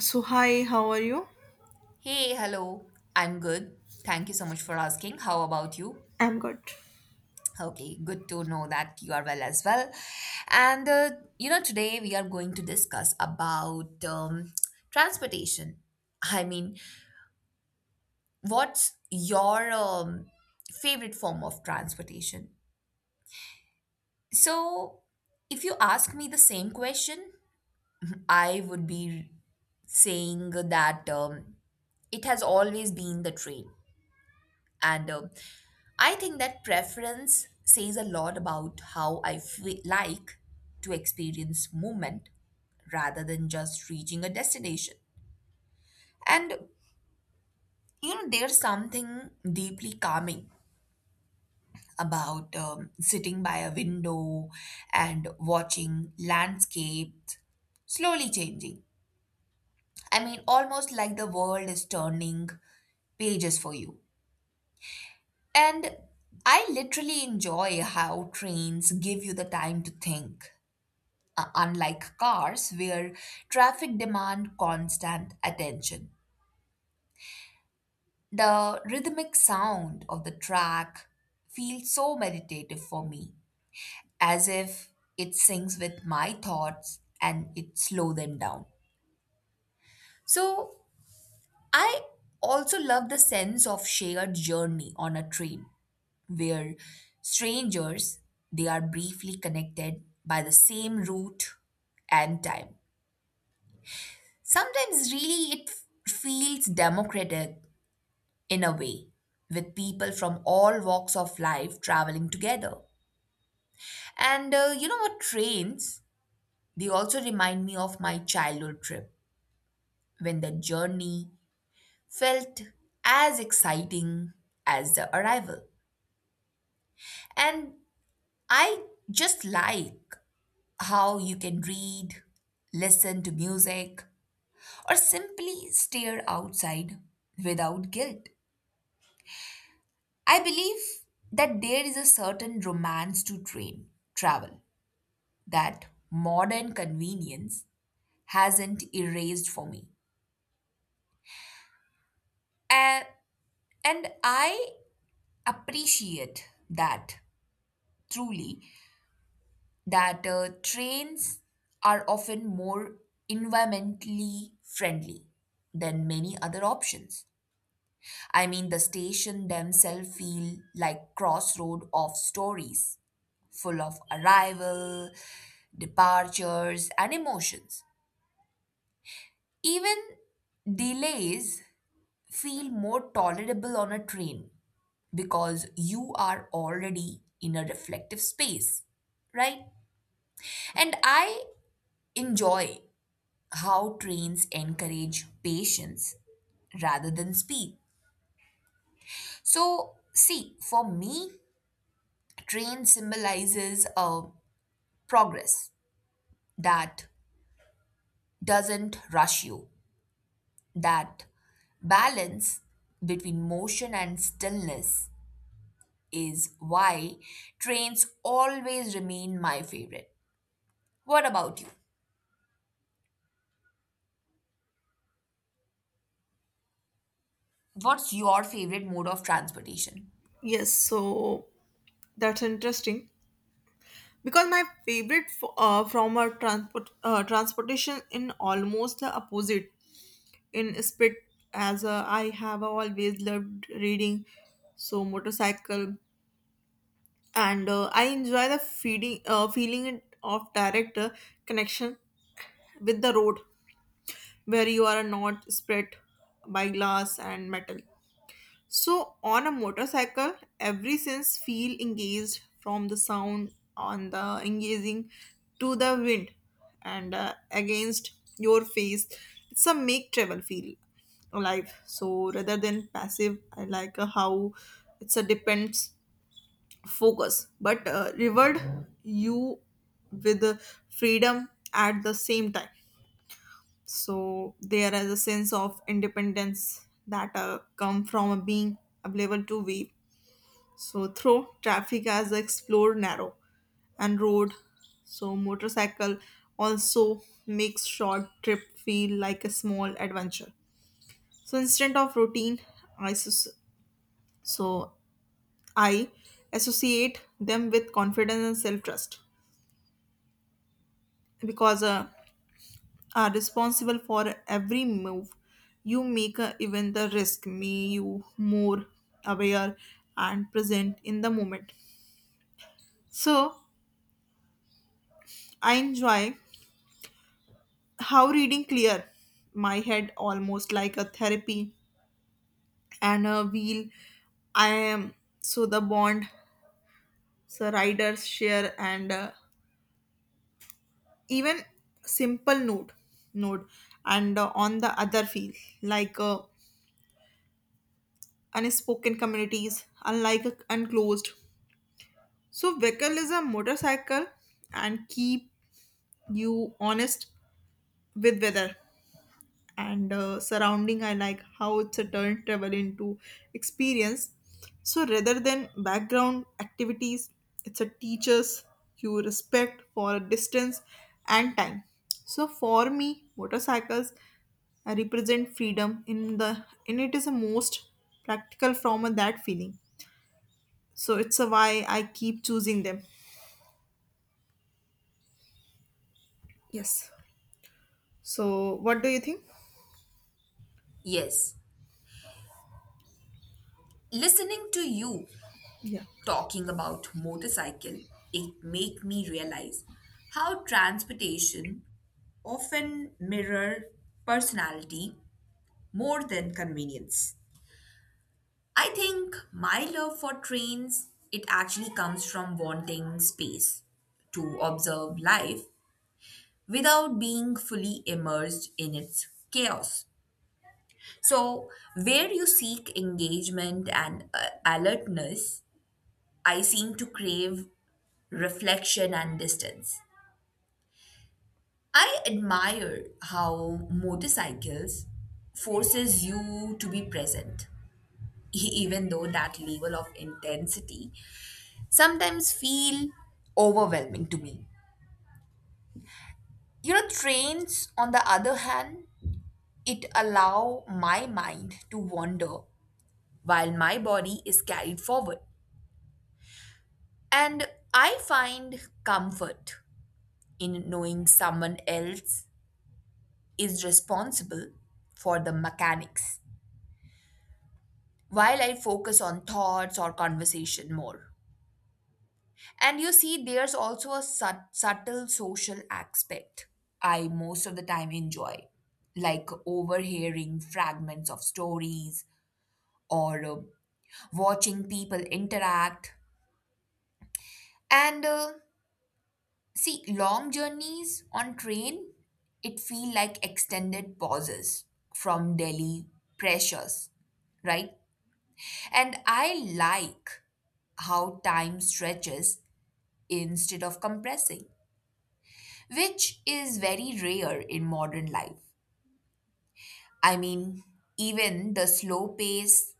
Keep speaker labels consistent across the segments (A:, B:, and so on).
A: So, hi, how are you?
B: Hey, hello. I'm good. Thank you so much for asking. How about you?
A: I'm good.
B: Okay, good to know that you are well as well. And uh, Today we are going to discuss about transportation. I mean, what's your favorite form of transportation? So, if you ask me the same question, I would be saying that it has always been the train. And I think that preference says a lot about how I feel like to experience movement rather than just reaching a destination. And there's something deeply calming about sitting by a window and watching landscapes slowly changing. I mean, almost like the world is turning pages for you. And I literally enjoy how trains give you the time to think. Unlike cars, where traffic demand constant attention, the rhythmic sound of the track feels so meditative for me, as if it sings with my thoughts and it slow them down. So I also love the sense of shared journey on a train, where strangers they are briefly connected by the same route and time. Sometimes, really, feels democratic in a way, with people from all walks of life traveling together. And you know what, Trains, they also remind me of my childhood trip when the journey felt as exciting as the arrival. And I just like how you can read, listen to music, or simply stare outside without guilt. I believe that there is a certain romance to train travel that modern convenience hasn't erased for me. And, and I appreciate that truly that trains are often more environmentally friendly than many other options. I mean, the station themselves feel like crossroad of stories full of arrival, departures, and emotions. Even delays feel more tolerable on a train because you are already in a reflective space, right? And I enjoy how trains encourage patience rather than speed. So, see, for me, train symbolizes a progress that doesn't rush you. That balance between motion and stillness is why trains always remain my favorite. What about you? What's your favorite mode of transportation?
A: Yes, so that's interesting because my favorite from our transportation in almost the opposite in split as I have always loved reading, so motorcycle and I enjoy the feeding feeling it of direct connection with the road where you are not spread by glass and metal. So on a motorcycle, every sense feel engaged from the sound on the engaging to the wind and against your face. It's a make travel feel alive. So rather than passive, I like how it's a depends focus, but reward you with freedom at the same time. So there is a sense of independence that come from being available to wave so through traffic as explored narrow and road. So motorcycle also makes short trip feel like a small adventure. So instead of routine, I sus- so I associate them with confidence and self trust because are responsible for every move you make, even the risk may you more aware and present in the moment. So I enjoy how reading clear my head almost like a therapy and a wheel I am, so the bond so riders share and even simple note and on the other feel like unspoken communities unlike a unclosed so vehicle is a motorcycle and keep you honest with weather and surrounding. I like how it's a turn travel into experience so rather than background activities it's a teachers you respect for a distance and time so for me motorcycles represent freedom in the and it is the most practical from of that feeling so it's a why I keep choosing them. Yes, so what do you think?
B: Yes, listening to you
A: yeah
B: talking about motorcycle, it make me realize how transportation often mirror personality more than convenience. I think my love for trains it actually comes from wanting space to observe life without being fully immersed in its chaos. So where you seek engagement and alertness, I seem to crave reflection and distance. I admire how motorcycles forces you to be present even though that level of intensity sometimes feel overwhelming to me. You know, trains, on the other hand, it allow my mind to wander while my body is carried forward. And I find comfort in knowing someone else is responsible for the mechanics while I focus on thoughts or conversation more. And you see, there's also a subtle social aspect I most of the time enjoy, like overhearing fragments of stories or watching people interact. And See, long journeys on train, it feel like extended pauses from daily pressures, right? And I like how time stretches instead of compressing, which is very rare in modern life. I mean, even the slow pace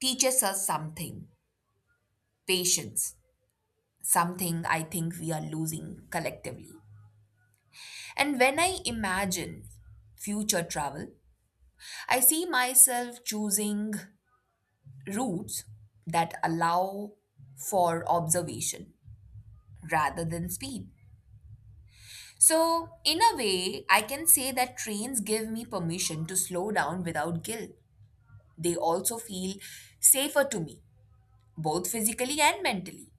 B: teaches us something, patience, something I think we are losing collectively. And when I imagine future travel, I see myself choosing routes that allow for observation rather than speed. So, in a way, I can say that trains give me permission to slow down without guilt. They also feel safer to me, both physically and mentally.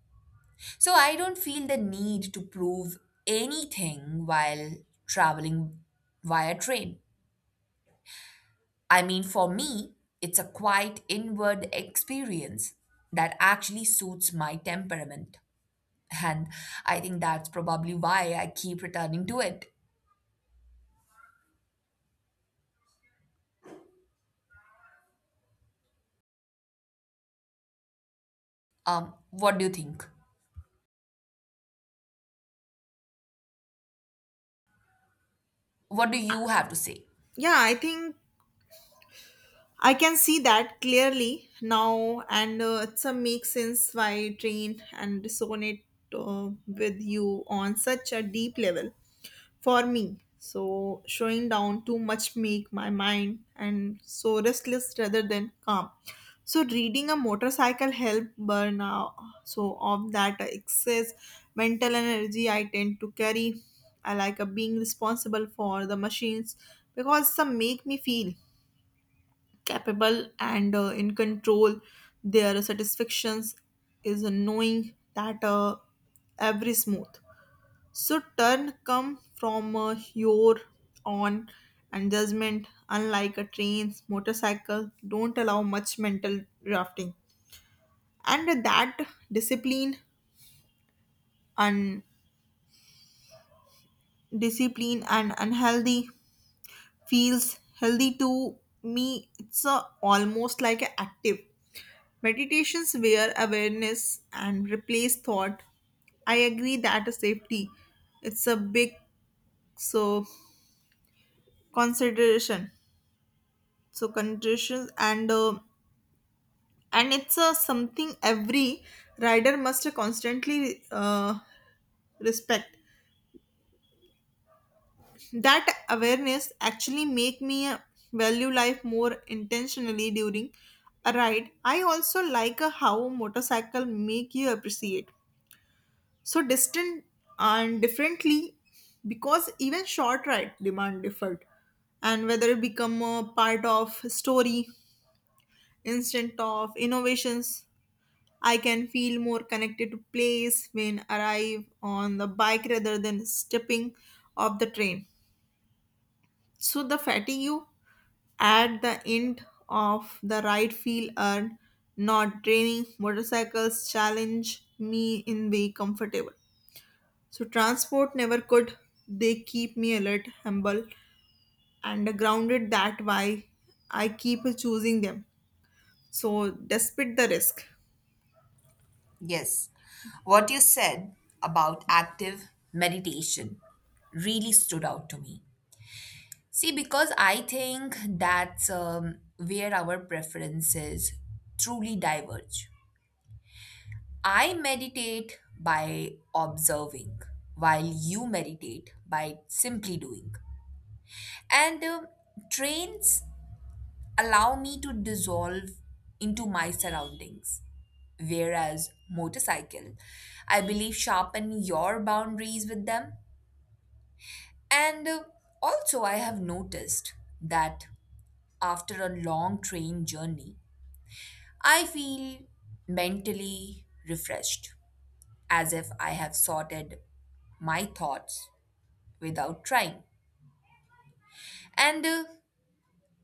B: So I don't feel the need to prove anything while traveling via train. I mean, for me, it's a quiet inward experience that actually suits my temperament. And I think that's probably why I keep returning to it. What do you think? What do you have to say?
A: yeah I think I can see that clearly now, and it's a make sense why train and resonate with you on such a deep level for me. So showing down too much make my mind and so restless rather than calm. So reading a motorcycle help burn out so of that excess mental energy I tend to carry. I like a being responsible for the machines because some make me feel capable and in control. Their satisfactions is knowing that every smooth so turn come from your on and judgment unlike a trains motorcycle don't allow much mental drafting and that discipline and discipline and unhealthy feels healthy to me. It's a, almost like a active. Meditations where awareness and replace thought. I agree that a safety. It's a big so consideration. So conditions and it's a something every rider must constantly respect. That awareness actually make me value life more intentionally during a ride. I also like how motorcycle make you appreciate so distant and differently because even short ride demand different and whether it become a part of story instant of innovations. I can feel more connected to place when arrive on the bike rather than stepping off the train so the fatigue at the end of the ride feel earned, not draining. Motorcycles challenge me in way comfortable. So transport never could. They keep me alert, humble, and grounded. That why I keep choosing them. So despite the risk.
B: Yes, what you said about active meditation really stood out to me. See, because I think that's where our preferences truly diverge. I meditate by observing, while you meditate by simply doing. And Trains allow me to dissolve into my surroundings. Whereas motorcycle, I believe sharpen your boundaries with them. And Also, I have noticed that after a long train journey, I feel mentally refreshed, as if I have sorted my thoughts without trying. And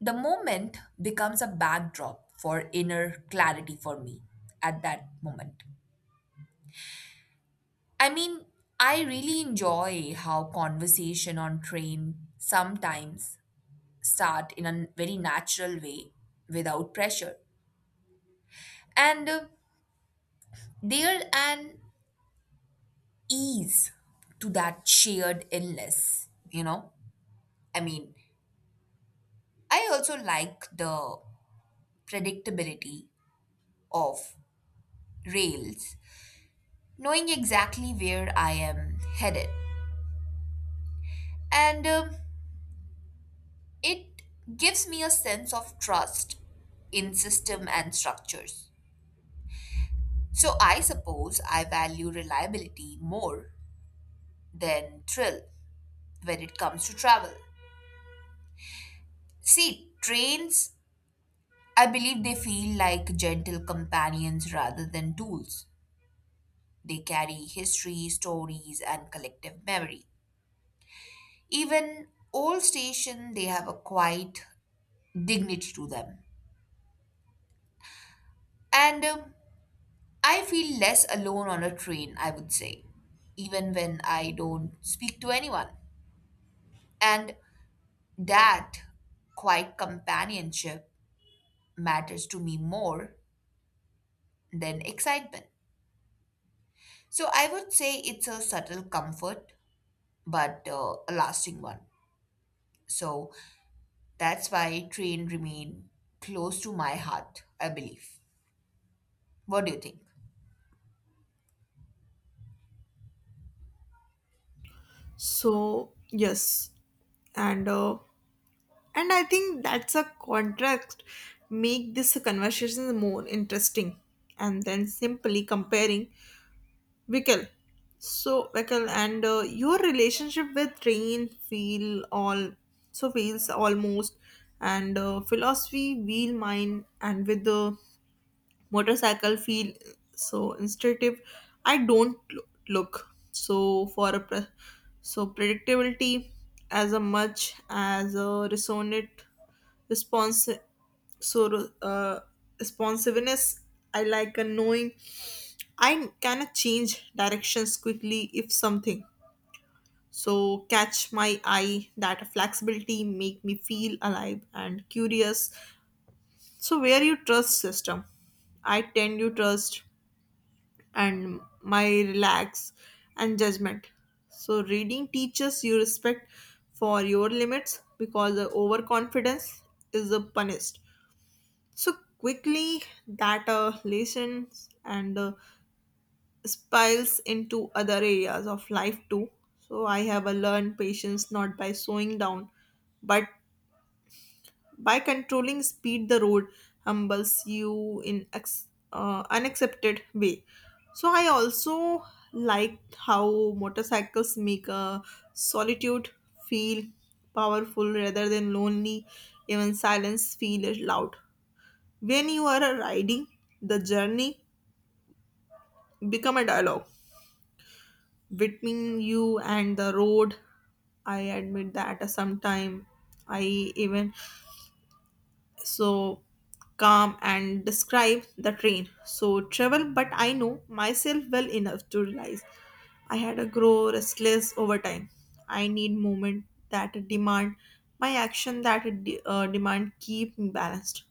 B: The moment becomes a backdrop for inner clarity for me at that moment. I mean, I really enjoy how conversation on train sometimes start in a very natural way without pressure. And There an ease to that shared illness, you know? I mean, I also like the predictability of rails, knowing exactly where I am headed. And It gives me a sense of trust in system and structures. So I suppose I value reliability more than thrill when it comes to travel. See, trains, I believe they feel like gentle companions rather than tools. They carry history, stories, and collective memory. Even old station they have a quiet dignity to them. And I feel less alone on a train, I would say, even when I don't speak to anyone. And that quiet companionship matters to me more than excitement. So I would say it's a subtle comfort, but a lasting one. So that's why train remain close to my heart, I believe. What do you think?
A: So yes, and uh, and I think that's a contract make this conversation more interesting and then simply comparing Vikal. So, Vikal, and your relationship with rain feel all so feels almost, and philosophy wheel mine, and with the motorcycle feel so instinctive. I don't lo- look so for a so predictability as a much as a resonant response so responsiveness. I like a knowing I cannot change directions quickly if something so catch my eye that flexibility make me feel alive and curious so where you trust system I tend to trust and my relax and judgment so reading teaches you respect for your limits because the overconfidence is punished so quickly that lessons and spills into other areas of life too. So I have a learned patience not by slowing down, but by controlling speed. The road humbles you in unaccepted way. So I also liked how motorcycles make a solitude feel powerful rather than lonely. Even silence feel loud. When you are riding, the journey become a dialogue between you and the road. I admit that sometime I even so calm and describe the train so travel but I know myself well enough to realize I had a grow restless over time. I need movement that demand my action, demand keep me balanced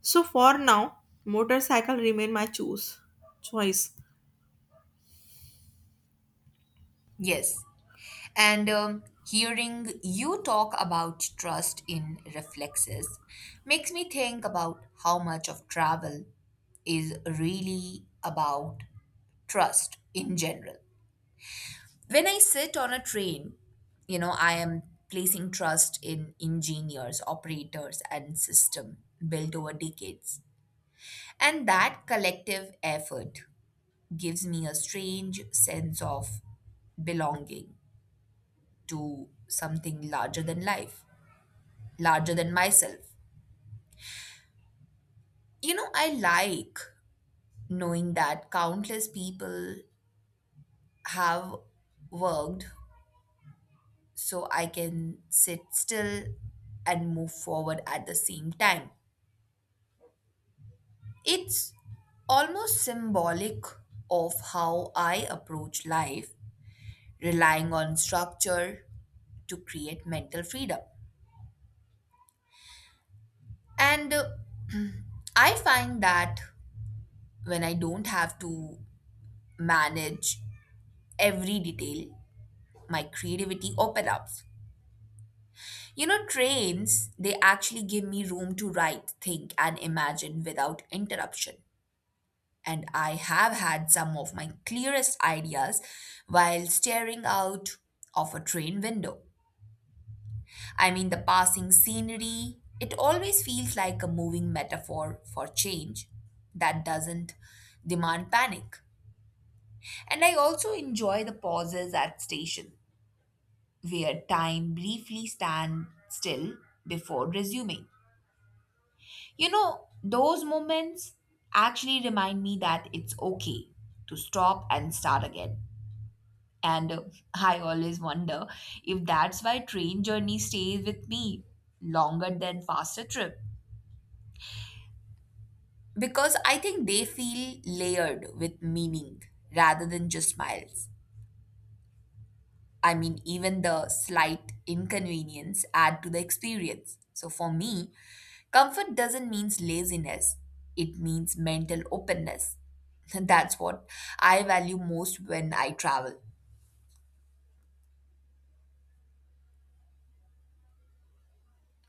A: so for now motorcycle remain my choose choice.
B: Yes, And hearing you talk about trust in reflexes makes me think about how much of travel is really about trust in general. When I sit on a train, you know, I am placing trust in engineers, operators, and system built over decades. And that collective effort gives me a strange sense of belonging to something larger than life. Larger than myself. You know, I like knowing that countless people have worked so I can sit still and move forward at the same time. It's almost symbolic of how I approach life, relying on structure to create mental freedom. And I find that when I don't have to manage every detail, my creativity opens up. You know, trains, they actually give me room to write, think, and imagine without interruption. And I have had some of my clearest ideas while staring out of a train window. I mean, the passing scenery, it always feels like a moving metaphor for change that doesn't demand panic. And I also enjoy the pauses at station where time briefly stands still before resuming. You know, those moments actually remind me that it's okay to stop and start again. And I always wonder if that's why train journey stays with me longer than faster trip. Because I think they feel layered with meaning rather than just miles. I mean, even the slight inconvenience add to the experience. So for me, comfort doesn't mean laziness. It means mental openness. That's what I value most when I travel.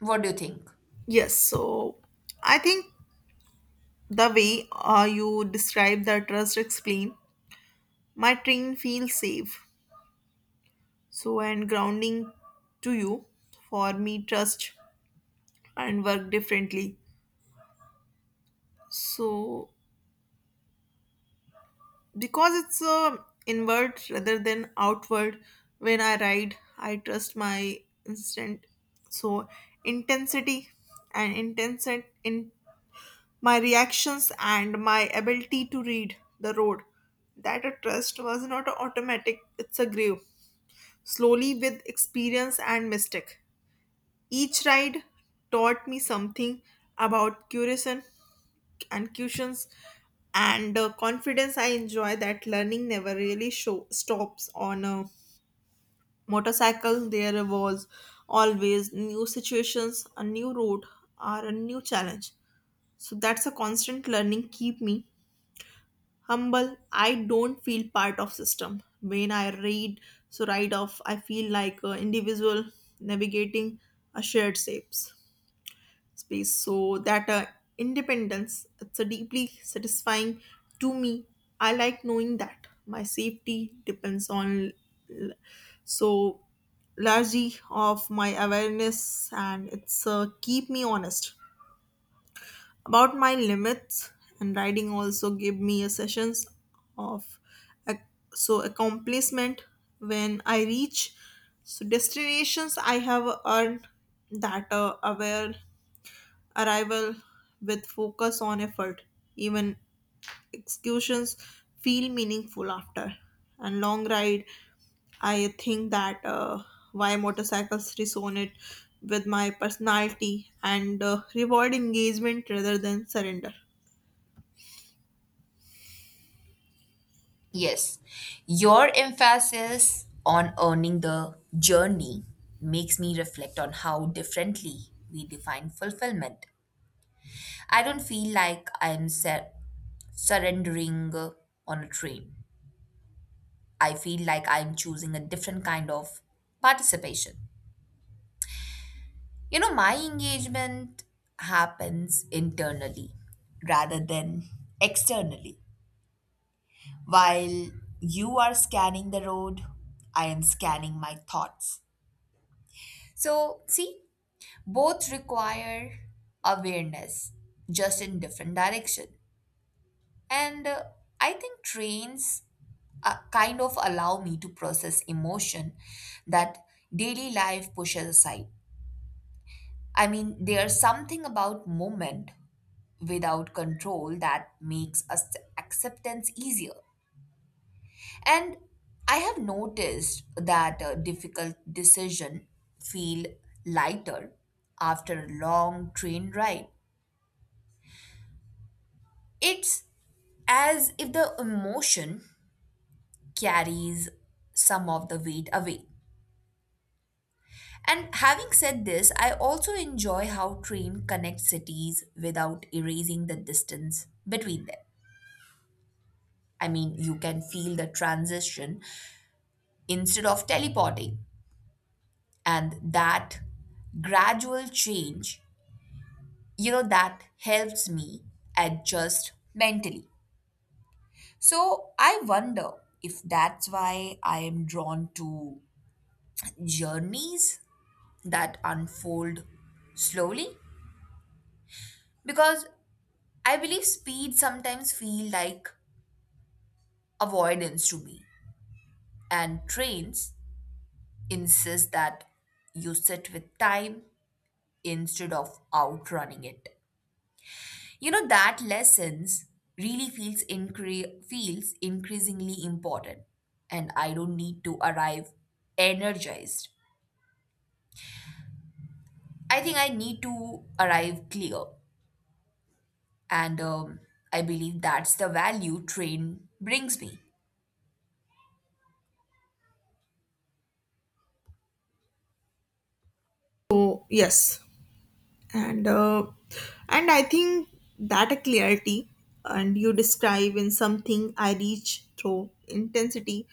B: What do you think?
A: Yes, so I think the way you describe the trust explain, my train feels safe. So and grounding to you for me trust and work differently. So because it's inward rather than outward when I ride, I trust my instant. So intensity and intense in my reactions and my ability to read the road. That a trust was not automatic, it's a grave slowly with experience and mistake. Each ride taught me something about curiosity and cushions and confidence. I enjoy that learning never really show, stops on a motorcycle. There was always new situations, a new road, or a new challenge. So that's a constant learning keep me humble. I don't feel part of system when I read so write off I feel like an individual navigating a shared shapes space so that independence it's a deeply satisfying to me. I like knowing that my safety depends on l- so largely of my awareness and it's keep me honest about my limits and writing also gave me a sessions of ac- so accomplishment when I reach so destinations I have earned that aware arrival with focus on effort even executions feel meaningful after and long ride. I think that why motorcycles resonate with my personality and reward engagement rather than surrender.
B: Yes, your emphasis on earning the journey makes me reflect on how differently we define fulfillment. I don't feel like surrendering on a train. I feel like I'm choosing a different kind of participation. You know, my engagement happens internally rather than externally. While you are scanning the road, I am scanning my thoughts. So, see, both require awareness, just in different direction. And I think trains kind of allow me to process emotion that daily life pushes aside. I mean, there's something about movement without control that makes acceptance easier. And I have noticed that a difficult decision feel lighter after a long train ride. It's as if the emotion carries some of the weight away. And having said this, I also enjoy how train connects cities without erasing the distance between them. I mean, you can feel the transition instead of teleporting. And that gradual change, you know, that helps me adjust mentally. So I wonder if that's why I am drawn to journeys that unfold slowly, because I believe speed sometimes feel like avoidance to me, and trains insist that you sit with time instead of outrunning it. You know, that lessons really feels increasingly important, and I don't need to arrive energized. I think I need to arrive clear, and I believe that's the value train brings me.
A: So yes, and uh, and I think that a clarity and you describe in something I reach through intensity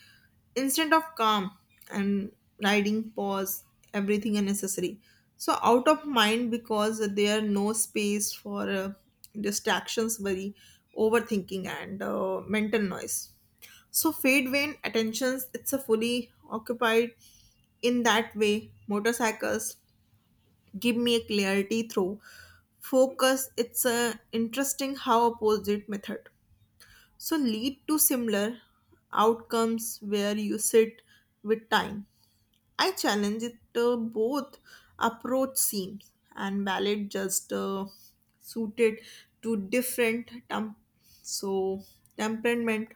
A: instead of calm and riding pause everything unnecessary. So out of mind because there no space for distractions, worry, overthinking, and mental noise. So fade when attentions it's a fully occupied in that way motorcycles give me a clarity through focus. It's a interesting how opposite method so lead to similar outcomes where you sit with time I challenge it both approach seems and valid just suited to different so temperament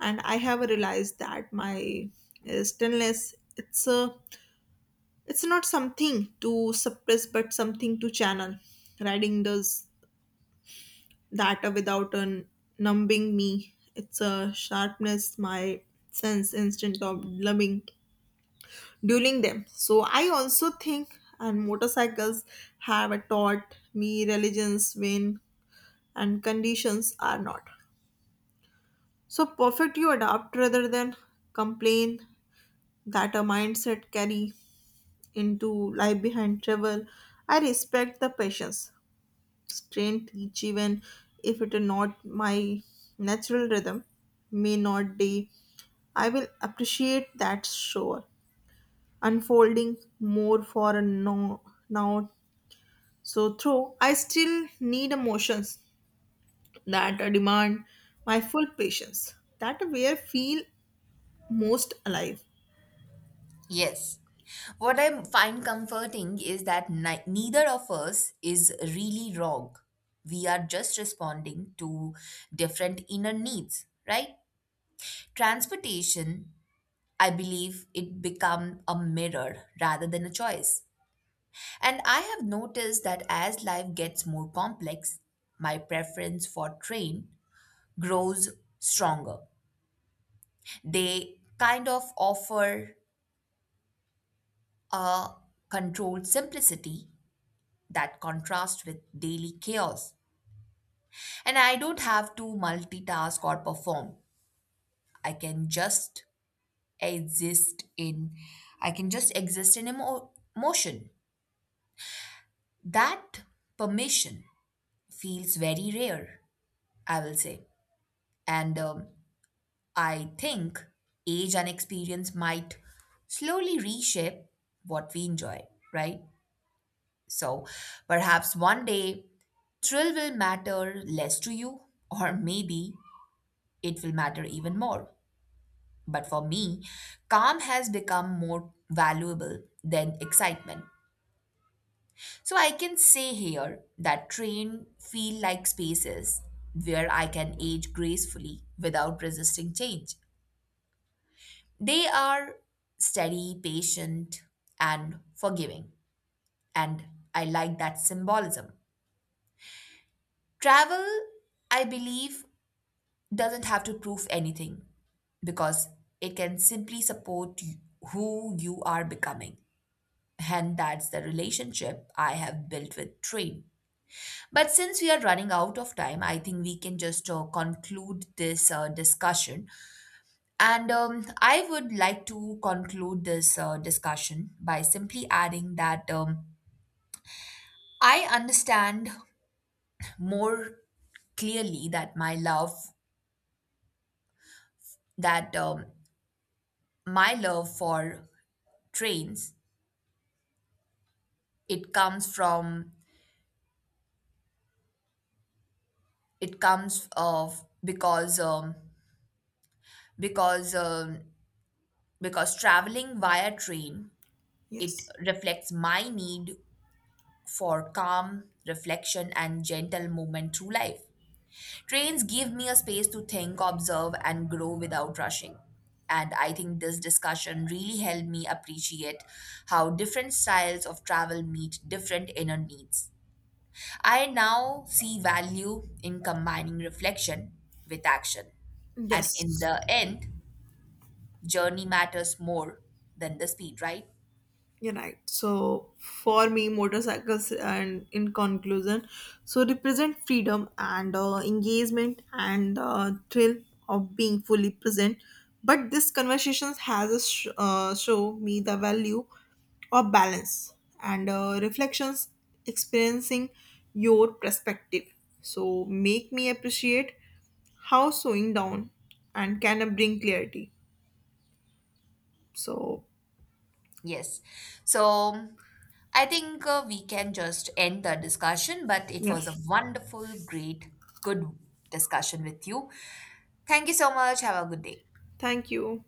A: and I have realized that my stillness it's a it's not something to suppress but something to channel. Riding does that without a numbing me. It's a sharpness my sense instant of loving dueling them so I also think and motorcycles have taught me religions when and conditions are not so perfect you adapt rather than complain that a mindset carry into life behind travel. I respect the patience Strain teach even if it is not my natural rhythm may not be I will appreciate that sure unfolding more for a no now so through I still need emotions that demand my full patience. That where feel most alive.
B: Yes. What I find comforting is that neither of us is really wrong. We are just responding to different inner needs, right? Transportation, I believe it become a mirror rather than a choice. And I have noticed that as life gets more complex, my preference for train grows stronger. They kind of offer a controlled simplicity that contrasts with daily chaos. And I don't have to multitask or perform. I can just exist in I can just exist in motion. That permission feels very rare, I will say. And I think age and experience might slowly reshape what we enjoy, right? So perhaps one day thrill will matter less to you, or maybe it will matter even more. But for me, calm has become more valuable than excitement. So I can say here that train feel like spaces where I can age gracefully without resisting change. They are steady, patient, and forgiving, and I like that symbolism. Travel, I believe, doesn't have to prove anything because it can simply support who you are becoming. And that's the relationship I have built with train. But since we are running out of time, I think we can just conclude this discussion. And I would like to conclude this discussion by simply adding that I understand more clearly that that um, my love for trains, it comes from, it comes of because um, because traveling via train, it
A: yes
B: reflects my need for calm reflection and gentle movement through life. Trains give me a space to think, observe, and grow without rushing. And I think this discussion really helped me appreciate how different styles of travel meet different inner needs. I now see value in combining reflection with action. And in
A: yes
B: the end, journey matters more than the speed, right?
A: You're right. So for me, motorcycles and in conclusion, so represent freedom and engagement and thrill of being fully present. But this conversation has a show me the value of balance and reflections, experiencing your perspective. So make me appreciate how slowing down and can bring clarity. So
B: Yes. So I think we can just end the discussion, but it was a
A: yes,
B: wonderful, great, good discussion with you. Thank you so much. Have a good day.
A: thank you.